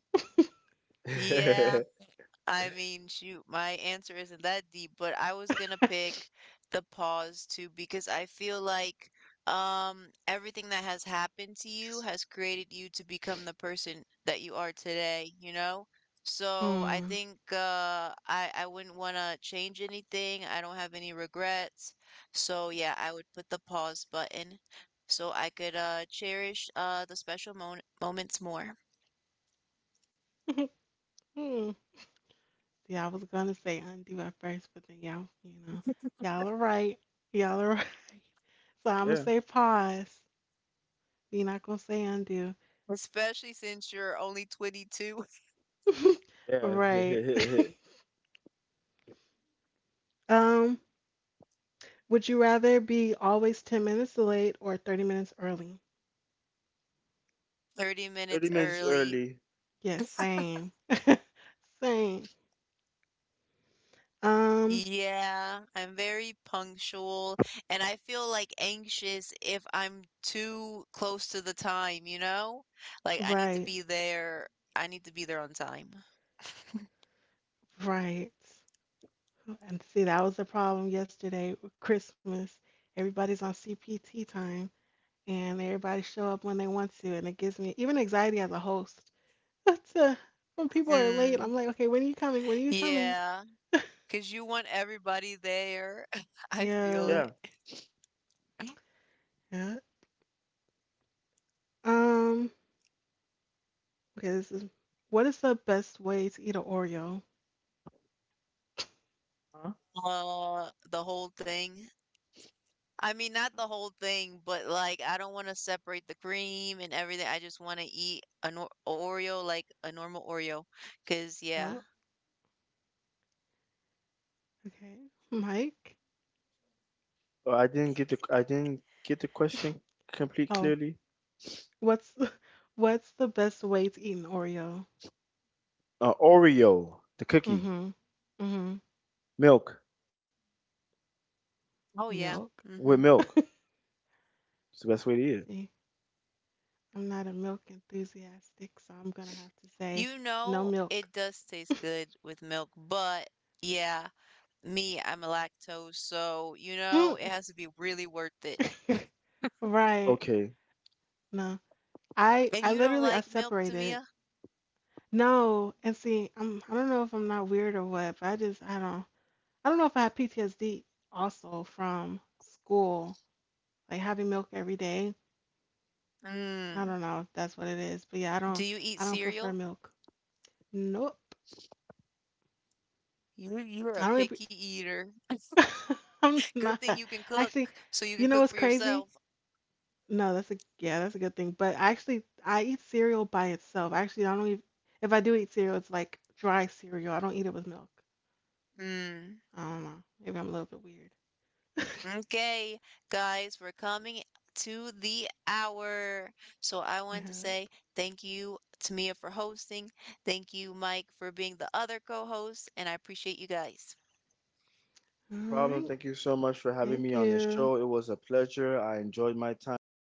Yeah. I mean, shoot, my answer isn't that deep, but I was gonna pick the pause too because I feel like um everything that has happened to you has created you to become the person that you are today, you know? So I Hmm. think uh I I wouldn't want to change anything. I don't have any regrets. So yeah, I would put the pause button so I could uh cherish uh the special mon moments more. Hmm. See, I was gonna say undo at first, but then y'all, you know, y'all are right. Y'all are right. So I'm gonna Yeah, say pause. You're not gonna say undo. Especially since you're only twenty-two. yeah. Right. Um, would you rather be always ten minutes late or thirty minutes early? thirty Thirty minutes minutes early. early. Yes, same. Same. Um, Yeah, I'm very punctual and I feel like anxious if I'm too close to the time, you know? Like I need to right, be there. I need to be there on time. right. And see, that was the problem yesterday with Christmas. Everybody's on C P T time, and everybody show up when they want to, and it gives me even anxiety as a host. That's uh when people are late, Mm, I'm like, okay, when are you coming? When are you coming? cause you want everybody there. I feel Yeah, Yeah. it. yeah. Um, okay, this is what is the best way to eat an Oreo? Huh? Uh, the whole thing. I mean, not the whole thing, but like I don't want to separate the cream and everything. I just want to eat a nor Oreo like a normal Oreo, cause yeah. Oh, okay. Mike? Oh, I didn't get the I didn't get the question complete Oh, clearly. what's what's the best way to eat an Oreo? Uh, Oreo, the cookie, Mm-hmm. Mm-hmm. milk Oh yeah. Milk. with Hmm. milk. It's the best way to eat it. See, I'm not a milk enthusiastic, so I'm gonna have to say You no know, milk. it does taste good with milk, but yeah, me, I'm a lactose, so you know, it Mm. has to be really worth it. Right. Okay. No No. I And I you don't literally I like milk, separated. Tamia? No, and see, I'm I don't know if I'm not weird or what, but I just I don't I don't know if I have P T S D also from school, like having milk every day. I Mm. don't know if that's what it is, but yeah, I Do don't you eat I don't prefer cereal? milk. Nope. You you're a I don't even, picky eater. I'm Good not. thing you can cook, Actually, so you can you know cook what's for crazy? yourself. No, that's a yeah, that's a good thing. But I actually I eat cereal by itself. Actually, I don't even if I do eat cereal, it's like dry cereal. I don't eat it with milk. Hmm. I don't know. Maybe I'm a little bit weird. Okay, guys, we're coming to the hour. So I Yeah. wanted to say thank you to Mia for hosting. Thank you, Mike, for being the other co-host, and I appreciate you guys. All problem. right. Thank you so much for having me Thank on the you. show. It was a pleasure. I enjoyed my time with both.